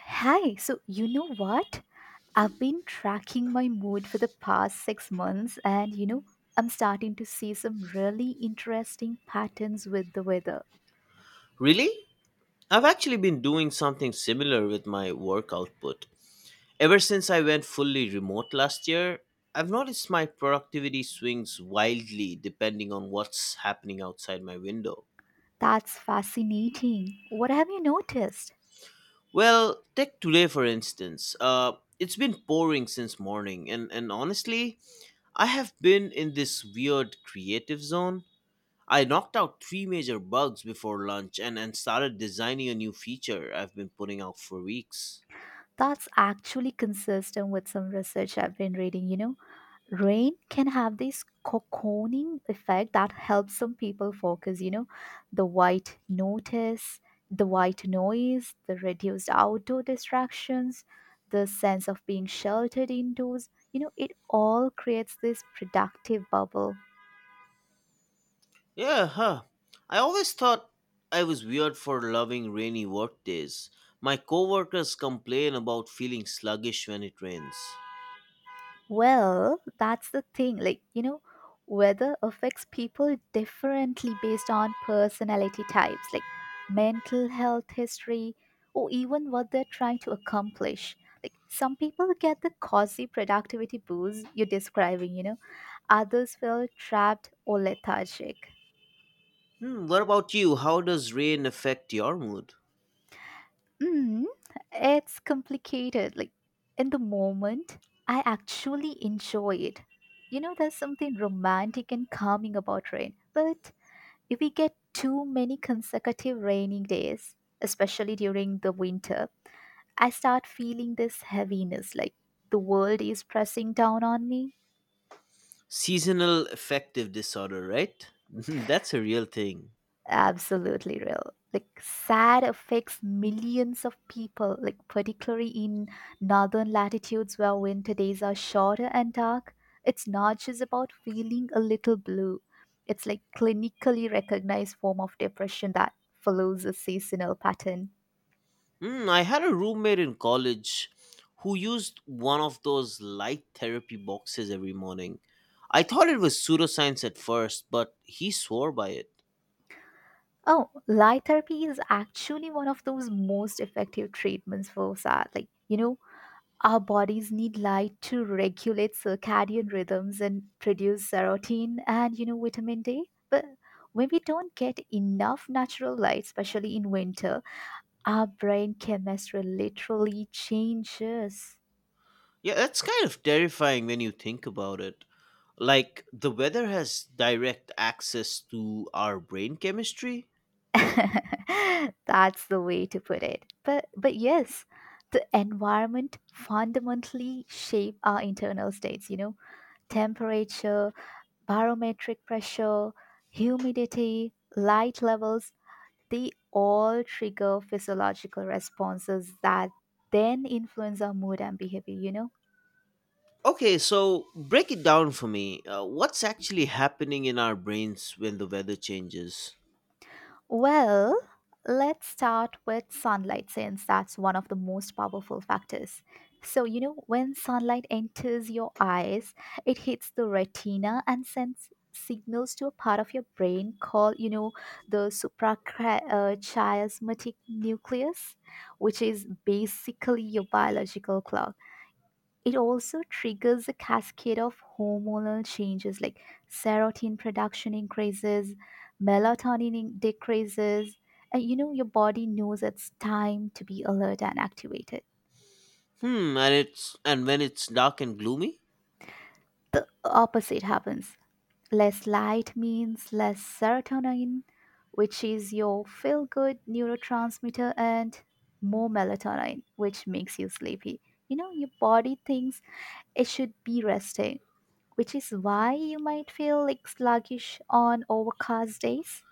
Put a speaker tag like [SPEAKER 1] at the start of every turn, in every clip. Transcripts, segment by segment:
[SPEAKER 1] Hi, so you know what? I've been tracking my mood for the past 6 months, and I'm starting to see some really interesting patterns with the weather.
[SPEAKER 2] Really? I've actually been doing something similar with my work output. Ever since I went fully remote last year, I've noticed my productivity swings wildly depending on what's happening outside my window.
[SPEAKER 1] That's fascinating. What have you noticed?
[SPEAKER 2] Well, take today for instance. It's been pouring since morning, and honestly, I have been in this weird creative zone. I knocked out three major bugs before lunch and started designing a new feature I've been putting out for weeks.
[SPEAKER 1] That's actually consistent with some research I've been reading. Rain can have this cocooning effect that helps some people focus. The white notice the white noise, the reduced outdoor distractions, the sense of being sheltered indoors. It all creates this productive bubble.
[SPEAKER 2] Yeah, huh. I always thought I was weird for loving rainy work days. My coworkers complain about feeling sluggish when it rains.
[SPEAKER 1] Well, that's the thing. Like, weather affects people differently based on personality types, like mental health history, or even what they're trying to accomplish. Like, some people get the cozy productivity boost you're describing, others feel trapped or lethargic.
[SPEAKER 2] Hmm, what about you? How does rain affect your mood?
[SPEAKER 1] Mm, it's complicated. Like, in the moment, I actually enjoy it. There's something romantic and calming about rain. But if we get too many consecutive rainy days, especially during the winter, I start feeling this heaviness, like the world is pressing down on me.
[SPEAKER 2] Seasonal affective disorder, right? That's a real thing.
[SPEAKER 1] Absolutely real. Like, sad affects millions of people, like, particularly in northern latitudes where winter days are shorter and dark. It's not just about feeling a little blue, it's like clinically recognized form of depression that follows a seasonal pattern.
[SPEAKER 2] Hmm, I had a roommate in college who used one of those light therapy boxes every morning. I thought it was pseudoscience at first, but he swore by it.
[SPEAKER 1] Oh, light therapy is actually one of those most effective treatments for SAD. Like, our bodies need light to regulate circadian rhythms and produce serotonin and, vitamin D. But when we don't get enough natural light, especially in winter, our brain chemistry literally changes.
[SPEAKER 2] Yeah, that's kind of terrifying when you think about it. Like, the weather has direct access to our brain chemistry.
[SPEAKER 1] That's the way to put it. But yes, the environment fundamentally shape our internal states, temperature, barometric pressure, humidity, light levels, they all trigger physiological responses that then influence our mood and behavior, you know?
[SPEAKER 2] Okay, so break it down for me. What's actually happening in our brains when the weather changes?
[SPEAKER 1] Well, let's start with sunlight since that's one of the most powerful factors. So, when sunlight enters your eyes, it hits the retina and sends signals to a part of your brain called, the suprachiasmatic nucleus, which is basically your biological clock. It also triggers a cascade of hormonal changes like serotonin production increases, melatonin decreases, and your body knows it's time to be alert and activated.
[SPEAKER 2] Hmm, and when it's dark and gloomy?
[SPEAKER 1] The opposite happens. Less light means less serotonin, which is your feel good neurotransmitter, and more melatonin, which makes you sleepy. You know, your body thinks it should be resting, which is why you might feel like sluggish on overcast days.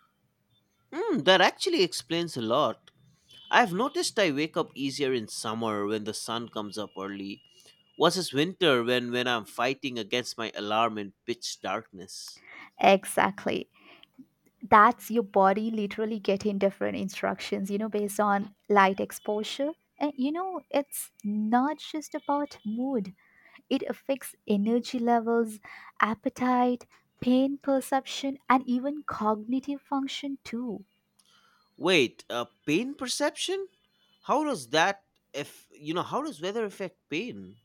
[SPEAKER 2] Hmm, that actually explains a lot. I've noticed I wake up easier in summer when the sun comes up early versus winter when I'm fighting against my alarm in pitch darkness.
[SPEAKER 1] Exactly. That's your body literally getting different instructions, based on light exposure. And it's not just about mood, it affects energy levels, appetite, pain perception, and even cognitive function too.
[SPEAKER 2] Wait, pain perception? How does that if you know how does weather affect pain?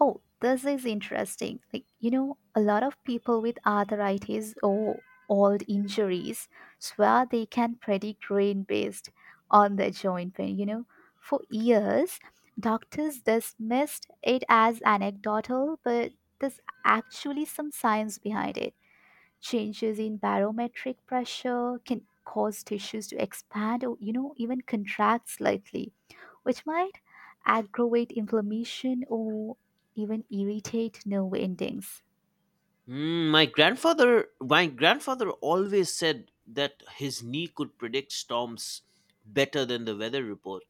[SPEAKER 1] Oh, this is interesting. Like, a lot of people with arthritis or old injuries swear they can predict rain based on their joint pain. For years, doctors dismissed it as anecdotal, but there's actually some science behind it. Changes in barometric pressure can cause tissues to expand or, even contract slightly, which might aggravate inflammation or even irritate nerve endings.
[SPEAKER 2] Mm, my grandfather always said that his knee could predict storms better than the weather report.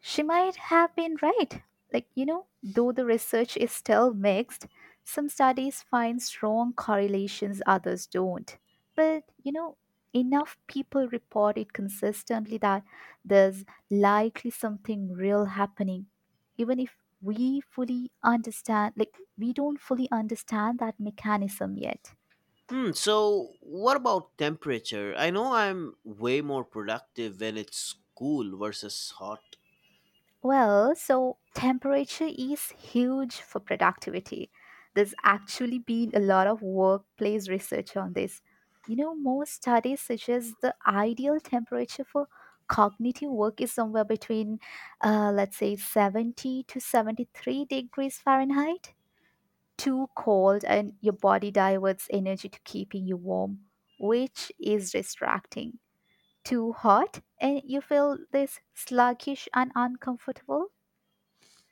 [SPEAKER 1] She might have been right. Like, though the research is still mixed, some studies find strong correlations, others don't. But, enough people report it consistently that there's likely something real happening. Even if we fully understand, like, we don't fully understand that mechanism yet.
[SPEAKER 2] Hmm. So what about temperature? I know I'm way more productive when it's cool versus hot.
[SPEAKER 1] Well, so temperature is huge for productivity. There's actually been a lot of workplace research on this. You know, most studies suggest the ideal temperature for cognitive work is somewhere between, let's say, 70 to 73 degrees Fahrenheit. Too cold, and your body diverts energy to keeping you warm, which is distracting. Too hot, and you feel this sluggish and uncomfortable.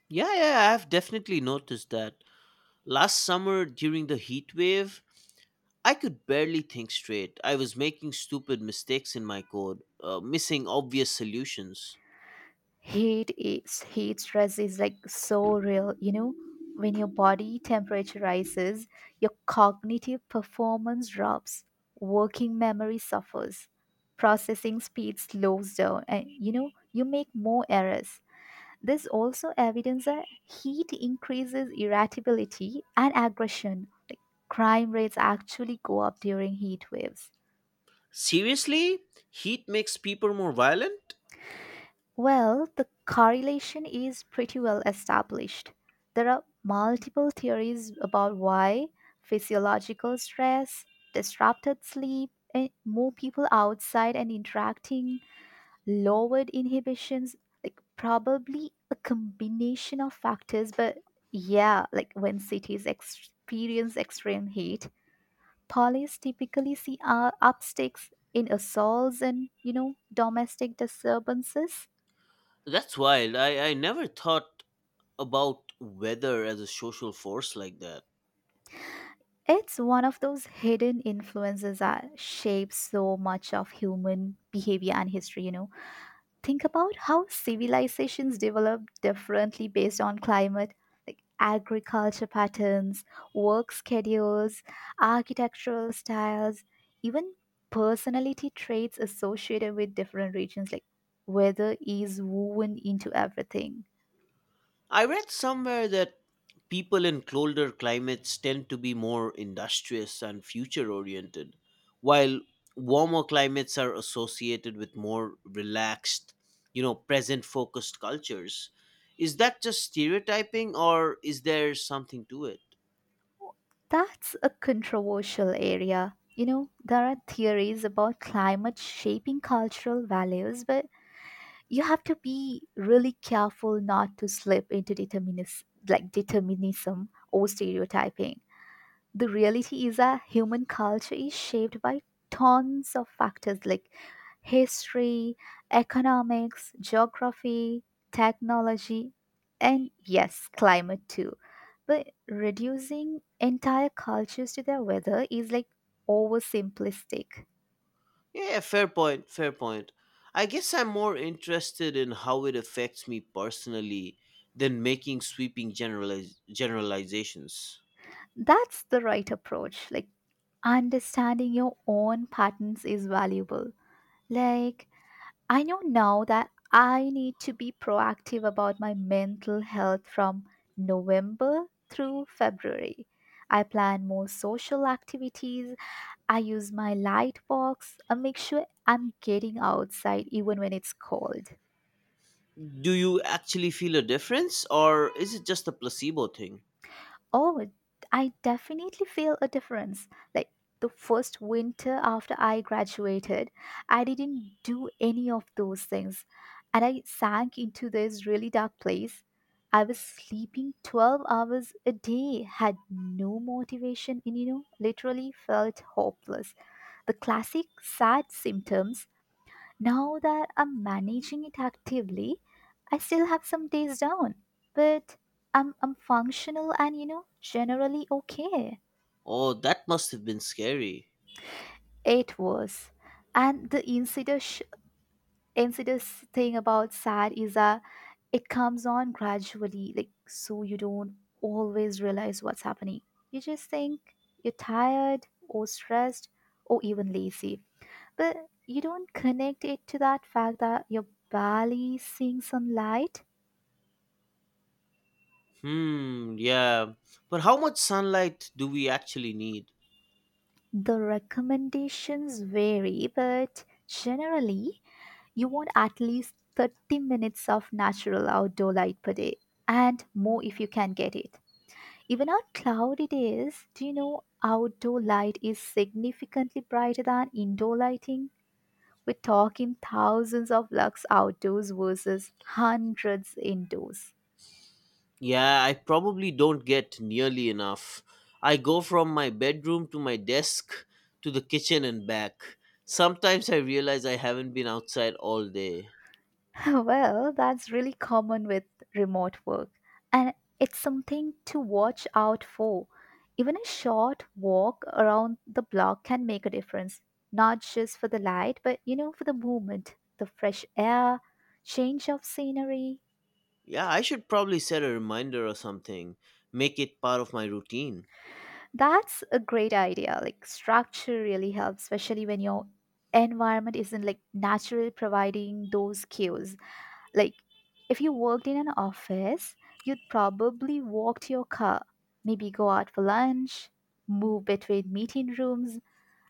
[SPEAKER 2] Yeah, yeah, I've definitely noticed that. Last summer during the heat wave, I could barely think straight. I was making stupid mistakes in my code, missing obvious solutions.
[SPEAKER 1] Heat stress is like so real. When your body temperature rises, your cognitive performance drops, working memory suffers, processing speed slows down, and you make more errors. There's also evidence that heat increases irritability and aggression. Crime rates actually go up during heat waves.
[SPEAKER 2] Seriously? Heat makes people more violent?
[SPEAKER 1] Well, the correlation is pretty well established. There are multiple theories about why: physiological stress, disrupted sleep, and more people outside and interacting, lowered inhibitions, like probably a combination of factors. But yeah, like when cities experience extreme heat, police typically see upsticks in assaults and, domestic disturbances.
[SPEAKER 2] That's wild. I never thought about weather as a social force like that.
[SPEAKER 1] It's one of those hidden influences that shapes so much of human behavior and history. Think about how civilizations developed differently based on climate, like agriculture patterns, work schedules, architectural styles, even personality traits associated with different regions. Like, weather is woven into everything.
[SPEAKER 2] I read somewhere that people in colder climates tend to be more industrious and future oriented, while warmer climates are associated with more relaxed, you know, present focused cultures. Is that just stereotyping or is there something to it?
[SPEAKER 1] That's a controversial area. There are theories about climate shaping cultural values, but you have to be really careful not to slip into like determinism or stereotyping. The reality is that human culture is shaped by tons of factors, like history, economics, geography, technology, and yes, climate too. But reducing entire cultures to their weather is like oversimplistic.
[SPEAKER 2] Yeah, fair point, fair point. I guess I'm more interested in how it affects me personally than making sweeping generalizations.
[SPEAKER 1] That's the right approach. Like, understanding your own patterns is valuable. Like, I know now that I need to be proactive about my mental health from November through February. I plan more social activities. I use my light box and make sure I'm getting outside even when it's cold.
[SPEAKER 2] Do you actually feel a difference, or is it just a placebo thing?
[SPEAKER 1] Oh, I definitely feel a difference. Like, the first winter after I graduated, I didn't do any of those things, and I sank into this really dark place. I was sleeping 12 hours a day, had no motivation, and literally felt hopeless. The classic sad symptoms. Now that I'm managing it actively, I still have some days down, but I'm functional and, generally okay.
[SPEAKER 2] Oh, that must have been scary.
[SPEAKER 1] It was. And the insidious thing about sad is that it comes on gradually, like, so you don't always realize what's happening. You just think you're tired or stressed or even lazy. But you don't connect it to that fact that you're barely seeing sunlight.
[SPEAKER 2] Hmm, yeah. But how much sunlight do we actually need?
[SPEAKER 1] The recommendations vary, but generally, you want at least 30 minutes of natural outdoor light per day and more if you can get it. Even on cloudy days, do you know outdoor light is significantly brighter than indoor lighting? We're talking thousands of lux outdoors versus hundreds indoors.
[SPEAKER 2] Yeah, I probably don't get nearly enough. I go from my bedroom to my desk to the kitchen and back. Sometimes I realize I haven't been outside all day.
[SPEAKER 1] Well, that's really common with remote work, and it's something to watch out for. Even a short walk around the block can make a difference, not just for the light, but for the movement, the fresh air, change of scenery.
[SPEAKER 2] Yeah, I should probably set a reminder or something, make it part of my routine.
[SPEAKER 1] That's a great idea. Like, structure really helps, especially when your environment isn't like naturally providing those cues. Like, if you worked in an office, you'd probably walk to your car, maybe go out for lunch, move between meeting rooms.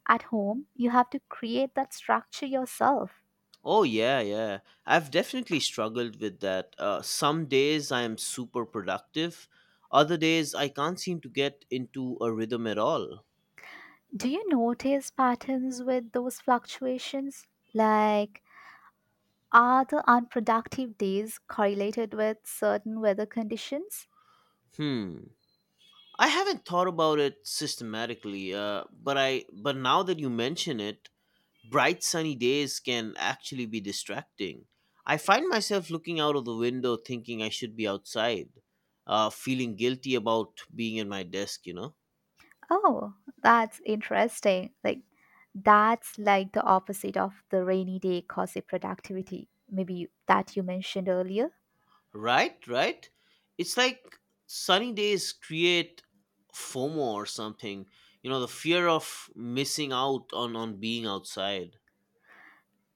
[SPEAKER 1] At home, you have to create that structure yourself.
[SPEAKER 2] Oh, yeah, yeah. I've definitely struggled with that. Some days I am super productive, other days I can't seem to get into a rhythm at all.
[SPEAKER 1] Do you notice patterns with those fluctuations? Like, are the unproductive days correlated with certain weather conditions?
[SPEAKER 2] Hmm. I haven't thought about it systematically, but now that you mention it, bright sunny days can actually be distracting. I find myself looking out of the window thinking I should be outside, feeling guilty about being at my desk, you know?
[SPEAKER 1] Oh, that's interesting. Like, that's like the opposite of the rainy day gossip productivity. Maybe that you mentioned earlier.
[SPEAKER 2] Right, right. It's like sunny days create FOMO or something. You know, the fear of missing out on being outside.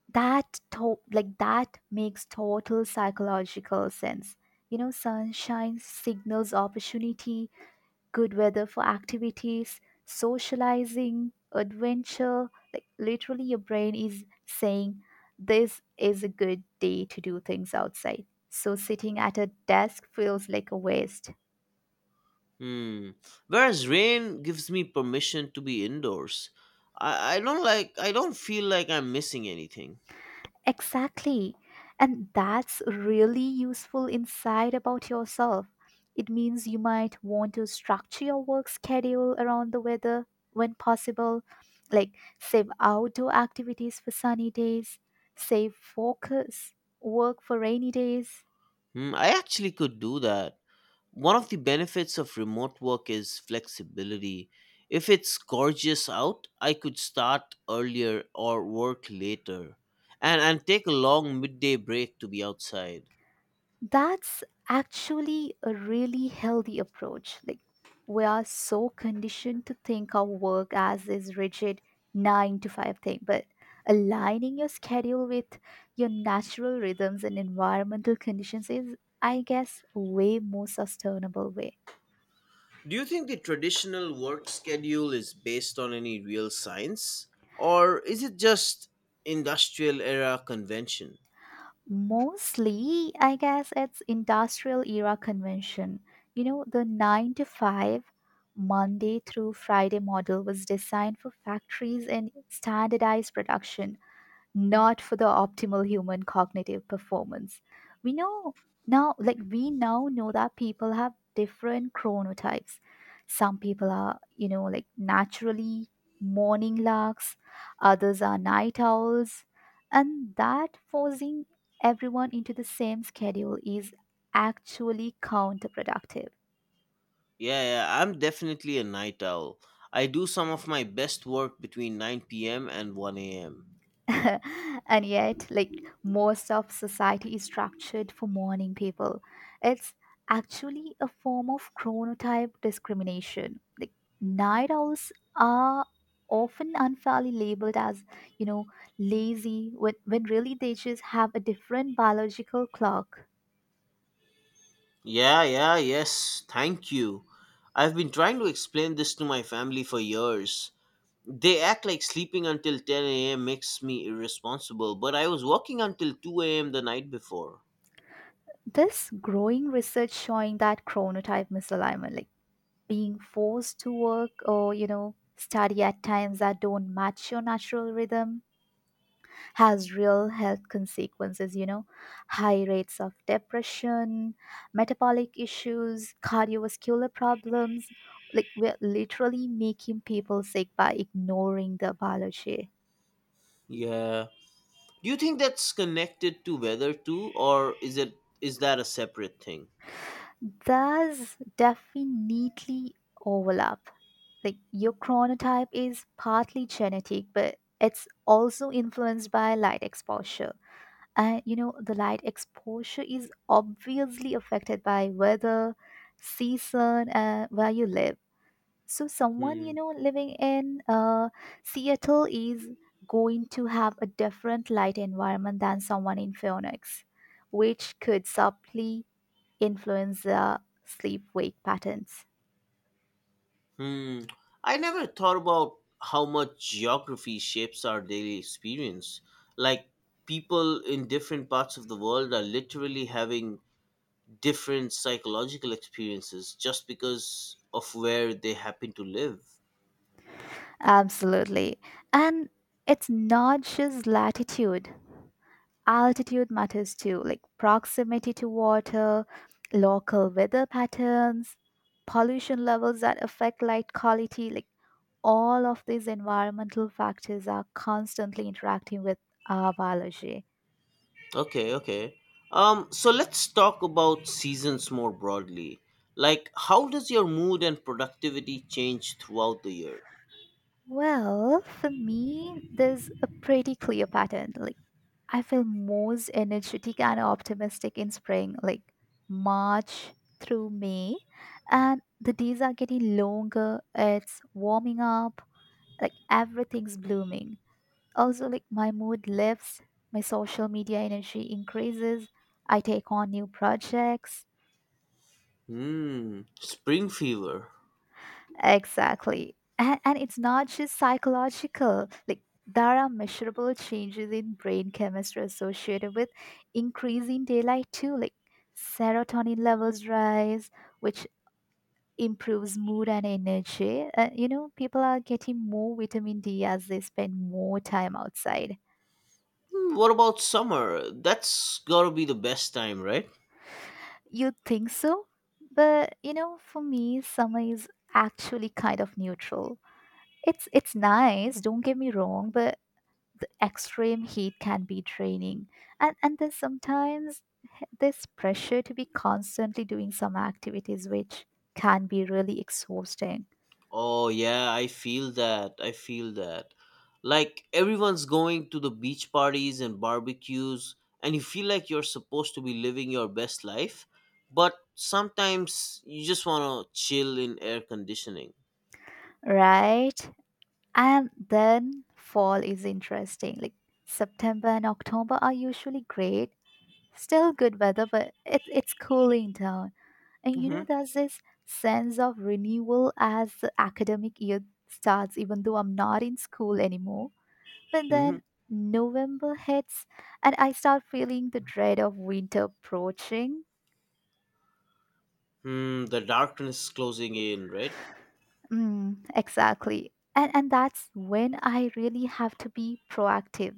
[SPEAKER 1] That to- like that makes total psychological sense. Sunshine signals opportunity, good weather for activities, socializing, adventure. Like, literally, your brain is saying, "This is a good day to do things outside." So, sitting at a desk feels like a waste.
[SPEAKER 2] Hmm. Whereas rain gives me permission to be indoors. I don't feel like I'm missing anything.
[SPEAKER 1] Exactly. And that's really useful insight about yourself. It means you might want to structure your work schedule around the weather when possible, like save outdoor activities for sunny days, save focus work for rainy days.
[SPEAKER 2] Hmm. I actually could do that. One of the benefits of remote work is flexibility. If it's gorgeous out, I could start earlier or work later and take a long midday break to be outside.
[SPEAKER 1] That's actually a really healthy approach. Like, we are so conditioned to think of work as this rigid nine to five thing, but aligning your schedule with your natural rhythms and environmental conditions is, I guess, way more sustainable way.
[SPEAKER 2] Do you think the traditional work schedule is based on any real science or is it just industrial era convention?
[SPEAKER 1] Mostly, I guess it's industrial era convention. The 9 to 5 Monday through Friday model was designed for factories and standardized production, not for the optimal human cognitive performance. We know we now know that people have different chronotypes. Some people are, like naturally morning larks, others are night owls, and that forcing everyone into the same schedule is actually counterproductive.
[SPEAKER 2] Yeah, yeah, I'm definitely a night owl. I do some of my best work between 9 p.m. and 1 a.m.
[SPEAKER 1] And yet, like, most of society is structured for morning people. It's actually a form of chronotype discrimination. Like, night owls are often unfairly labeled as, you know, lazy when really they just have a different biological clock.
[SPEAKER 2] Yeah, yeah, yes. Thank you. I've been trying to explain this to my family for years. They act like sleeping until 10 a.m. makes me irresponsible, but I was working until 2 a.m. the night before.
[SPEAKER 1] This growing research showing that chronotype misalignment, like being forced to work or, study at times that don't match your natural rhythm has real health consequences, high rates of depression, metabolic issues, cardiovascular problems. Like, we're literally making people sick by ignoring the biology.
[SPEAKER 2] Yeah. Do you think that's connected to weather too, or is that a separate thing?
[SPEAKER 1] Does definitely overlap. Like, your chronotype is partly genetic, but it's also influenced by light exposure. And you know the light exposure is obviously affected by weather, season, where you live. So someone, you
[SPEAKER 2] Hmm.
[SPEAKER 1] know, living in Seattle is going to have a different light environment than someone in Phoenix, which could subtly influence their sleep wake patterns.
[SPEAKER 2] Hmm. I never thought about how much geography shapes our daily experience. Like people in different parts of the world are literally having different psychological experiences just because of where they happen to live.
[SPEAKER 1] Absolutely. And it's not just latitude. Altitude matters too, like proximity to water, local weather patterns, pollution levels that affect light quality. Like, all of these environmental factors are constantly interacting with our biology.
[SPEAKER 2] Okay, okay. So let's talk about seasons more broadly. Like, how does your mood and productivity change throughout the year?
[SPEAKER 1] Well, for me, there's a pretty clear pattern. Like, I feel most energetic and optimistic in spring, like March through May. And the days are getting longer, it's warming up, like everything's blooming. Also, like, my mood lifts, my social media energy increases, I take on new projects.
[SPEAKER 2] Hmm, spring fever.
[SPEAKER 1] Exactly. And it's not just psychological, like, there are measurable changes in brain chemistry associated with increasing daylight, too. Like, serotonin levels rise, which improves mood and energy. People are getting more vitamin D as they spend more time outside.
[SPEAKER 2] Hmm, what about summer? That's gotta be the best time, right?
[SPEAKER 1] You would think so? But, you know, for me, summer is actually kind of neutral. It's nice, don't get me wrong, but the extreme heat can be draining. And then sometimes this pressure to be constantly doing some activities, which can be really exhausting,
[SPEAKER 2] Oh yeah, I feel that. I feel that. Like everyone's going to the beach parties and barbecues and you feel like you're supposed to be living your best life, but sometimes you just want to chill in air conditioning.
[SPEAKER 1] right? And then fall is interesting. Like, September and October are usually great. Still good weather, but it's cooling down. And, you know,
[SPEAKER 2] Hmm.
[SPEAKER 1] there's this sense of renewal as the academic year starts, even though I'm not in school anymore. But
[SPEAKER 2] Hmm.
[SPEAKER 1] then November hits, and I start feeling the dread of winter approaching.
[SPEAKER 2] Hmm, the darkness is closing in, right?
[SPEAKER 1] Mm, exactly. And that's when I really have to be proactive.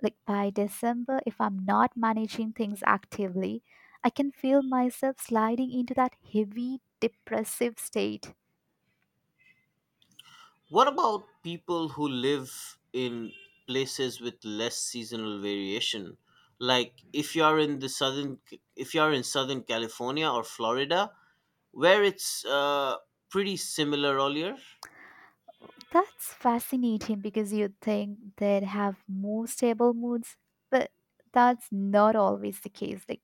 [SPEAKER 1] Like, by December, if I'm not managing things actively, I can feel myself sliding into that heavy, depressive state.
[SPEAKER 2] What about people who live in places with less seasonal variation? Like if you are in the southern, if you are in Southern California or Florida, where it's pretty similar all year.
[SPEAKER 1] That's fascinating, because you'd think they'd have more stable moods, but that's not always the case. Like,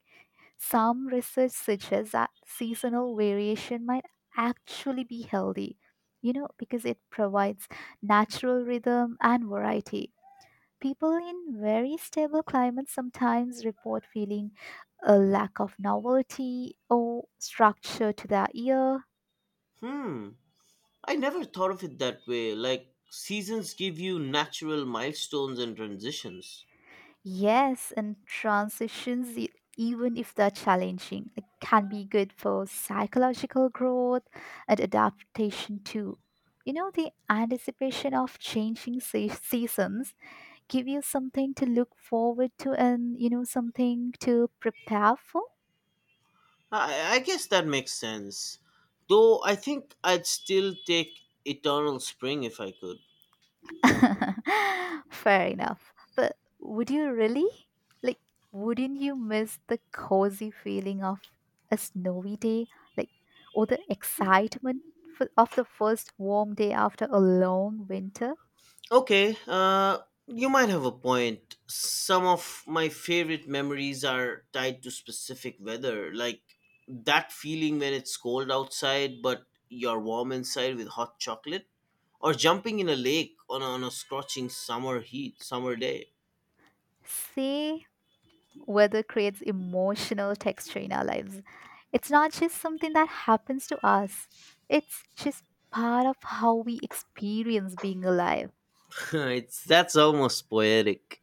[SPEAKER 1] some research suggests that seasonal variation might actually be healthy, you know, because it provides natural rhythm and variety. People in very stable climates sometimes report feeling a lack of novelty or structure to their year.
[SPEAKER 2] Hmm. I never thought of it that way. Like seasons give you natural milestones and transitions.
[SPEAKER 1] Yes, and transitions, even if they're challenging, like, can be good for psychological growth and adaptation too. You know, the anticipation of changing seasons give you something to look forward to and, you know, something to prepare for.
[SPEAKER 2] I guess that makes sense. Though I think I'd still take Eternal Spring if I could.
[SPEAKER 1] Fair enough. But would you really? Like, wouldn't you miss the cozy feeling of a snowy day? Like, or the excitement of the first warm day after a long winter?
[SPEAKER 2] Okay, you might have a point. Some of my favorite memories are tied to specific weather, like that feeling when it's cold outside but you're warm inside with hot chocolate, or jumping in a lake on a scorching summer day.
[SPEAKER 1] See, weather creates emotional texture in our lives. It's not just something that happens to us, it's just part of how we experience being alive.
[SPEAKER 2] it's that's almost poetic.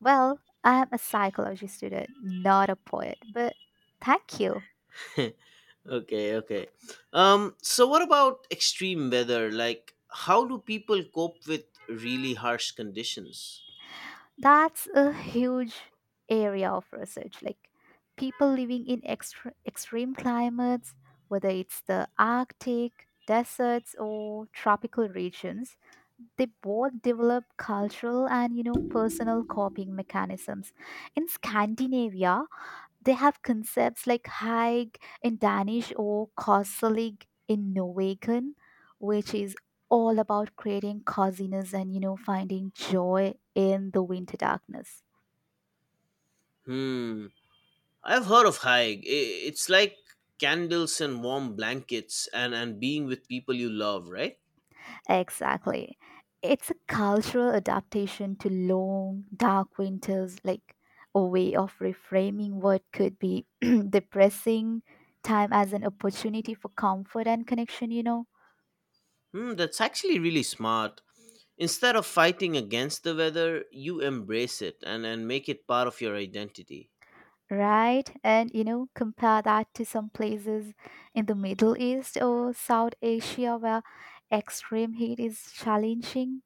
[SPEAKER 1] Well, I'm a psychology student, not a poet, but thank you.
[SPEAKER 2] Okay, okay. So what about extreme weather? Like, how do people cope with really harsh conditions?
[SPEAKER 1] That's a huge area of research. Like, people living in extreme climates, whether it's the Arctic, deserts, or tropical regions, they both develop cultural and, you know, personal coping mechanisms. In Scandinavia, they have concepts like Haig in Danish or Korselig in Norwegian, which is all about creating coziness and, you know, finding joy in the winter darkness.
[SPEAKER 2] Hmm. I've heard of Haig. I- It's like candles and warm blankets and being with people you love, right?
[SPEAKER 1] Exactly. It's a cultural adaptation to long, dark winters, like a way of reframing what could be depressing time as an opportunity for comfort and connection, you know?
[SPEAKER 2] Hmm, that's actually really smart. Instead of fighting against the weather, you embrace it and make it part of your identity.
[SPEAKER 1] Right, and, you know, compare that to some places in the Middle East or South Asia where extreme heat is challenging.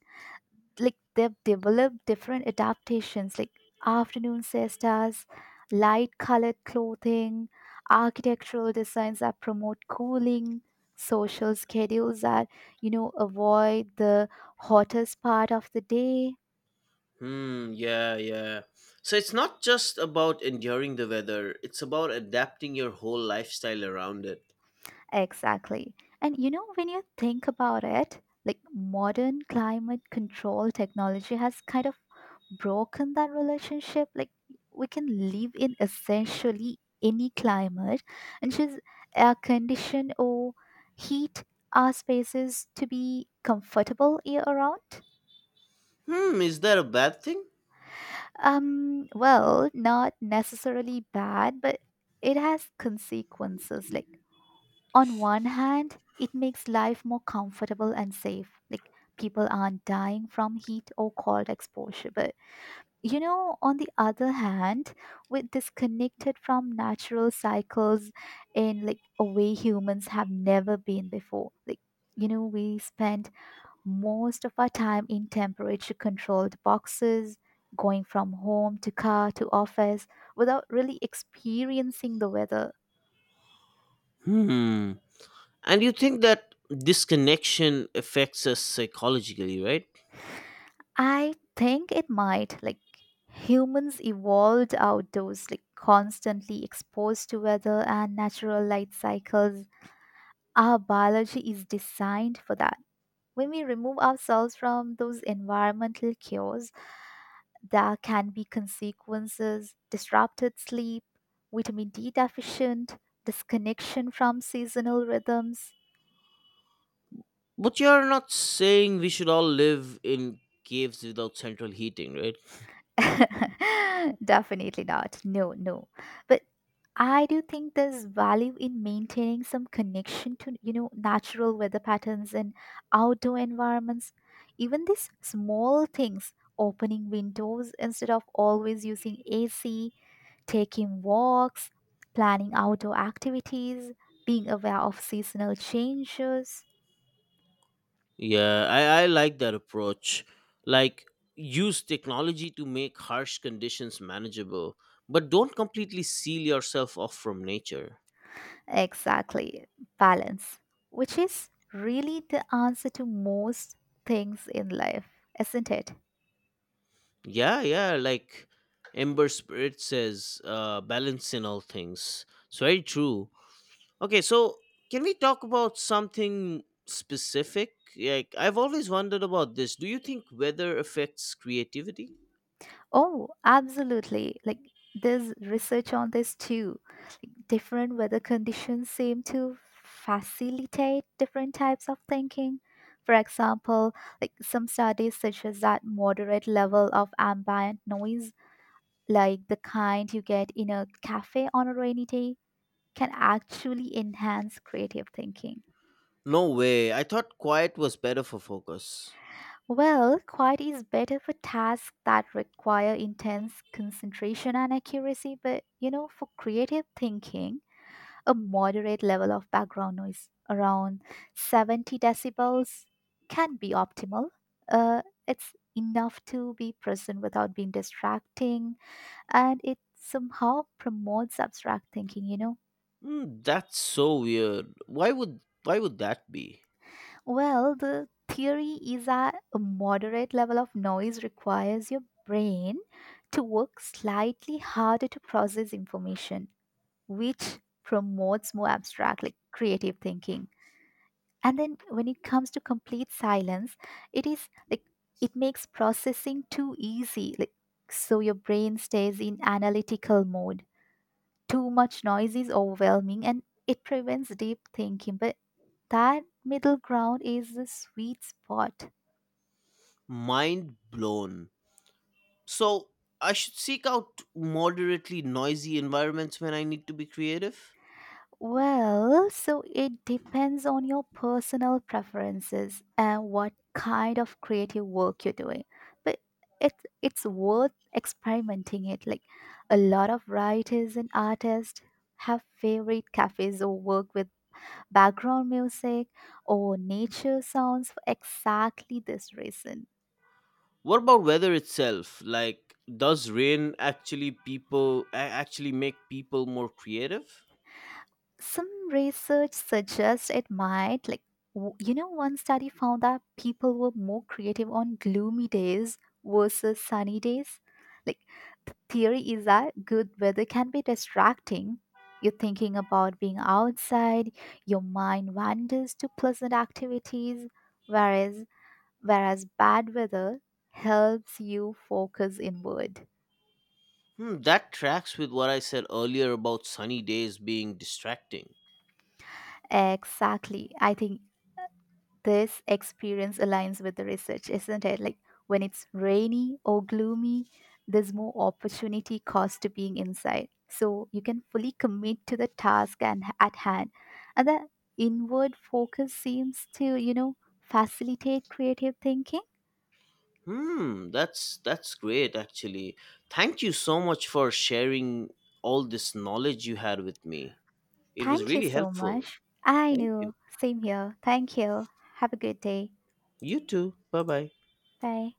[SPEAKER 1] Like, they've developed different adaptations, like afternoon siestas, light colored clothing, architectural designs that promote cooling, social schedules that, you know, avoid the hottest part of the day.
[SPEAKER 2] Hmm, yeah, yeah. So it's not just about enduring the weather, it's about adapting your whole lifestyle around it.
[SPEAKER 1] Exactly. And, you know, when you think about it, like, modern climate control technology has kind of broken that relationship. Like, we can live in essentially any climate and just air condition or heat our spaces to be comfortable year around.
[SPEAKER 2] Hmm, is that a bad thing?
[SPEAKER 1] Well, not necessarily bad, but it has consequences. Like, on one hand, it makes life more comfortable and safe. Like, people aren't dying from heat or cold exposure. But, you know, on the other hand, we're disconnected from natural cycles in like a way humans have never been before. Like, you know, we spend most of our time in temperature controlled boxes, going from home to car to office without really experiencing the weather.
[SPEAKER 2] Hmm. And you think that disconnection affects us psychologically, right?
[SPEAKER 1] I think it might. Like, humans evolved outdoors, like constantly exposed to weather and natural light cycles. Our biology is designed for that. When we remove ourselves from those environmental cues, there can be consequences: disrupted sleep, vitamin D deficient, disconnection from seasonal rhythms.
[SPEAKER 2] But you're not saying we should all live in caves without central heating, right?
[SPEAKER 1] Definitely not. No, no. But I do think there's value in maintaining some connection to, you know, natural weather patterns and outdoor environments. Even these small things: opening windows instead of always using AC, taking walks, planning outdoor activities, being aware of seasonal changes.
[SPEAKER 2] Yeah, I like that approach. Like, use technology to make harsh conditions manageable, but don't completely seal yourself off from nature.
[SPEAKER 1] Exactly, balance, which is really the answer to most things in life, isn't it?
[SPEAKER 2] Yeah, yeah, like Ember Spirit says, balance in all things. It's very true. Okay, so can we talk about something specific? Like, I've always wondered about this. Do you think weather affects creativity?
[SPEAKER 1] Oh, absolutely. Like, there's research on this too. Different weather conditions seem to facilitate different types of thinking. For example, like, some studies suggest that moderate level of ambient noise, like the kind you get in a cafe on a rainy day, can actually enhance creative thinking.
[SPEAKER 2] No way. I thought quiet was better for focus.
[SPEAKER 1] Well, quiet is better for tasks that require intense concentration and accuracy, but, you know, for creative thinking, a moderate level of background noise around 70 decibels can be optimal. It's enough to be present without being distracting, and it somehow promotes abstract thinking, you know.
[SPEAKER 2] Mm, that's so weird. Why would that be?
[SPEAKER 1] Well, the theory is that a moderate level of noise requires your brain to work slightly harder to process information, which promotes more abstract, like creative thinking. And then when it comes to complete silence, it is like, it makes processing too easy, like, so your brain stays in analytical mode. Too much noise is overwhelming and it prevents deep thinking, but that middle ground is the sweet spot.
[SPEAKER 2] Mind blown. So I should seek out moderately noisy environments when I need to be creative.
[SPEAKER 1] Well, so it depends on your personal preferences and what kind of creative work you're doing. But it, it's worth experimenting it. Like, a lot of writers and artists have favorite cafes or work with background music or nature sounds for exactly this reason.
[SPEAKER 2] What about weather itself? Like, does rain actually actually make people more creative?
[SPEAKER 1] Some research suggests it might. Like, you know, one study found that people were more creative on gloomy days versus sunny days. Like, the theory is that good weather can be distracting, you're thinking about being outside, your mind wanders to pleasant activities, whereas, bad weather helps you focus inward.
[SPEAKER 2] Hmm, that tracks with what I said earlier about sunny days being distracting.
[SPEAKER 1] Exactly. I think this experience aligns with the research, isn't it? Like, when it's rainy or gloomy, there's more opportunity cost to being inside. So you can fully commit to the task and at hand. And that inward focus seems to, you know, facilitate creative thinking.
[SPEAKER 2] Hmm, that's great actually. Thank you so much for sharing all this knowledge you had with me. It was
[SPEAKER 1] Thank you
[SPEAKER 2] really
[SPEAKER 1] so
[SPEAKER 2] helpful.
[SPEAKER 1] much. I
[SPEAKER 2] Thank you.
[SPEAKER 1] know. Same here. Thank you. Have a good day.
[SPEAKER 2] You too. Bye-bye.
[SPEAKER 1] Bye.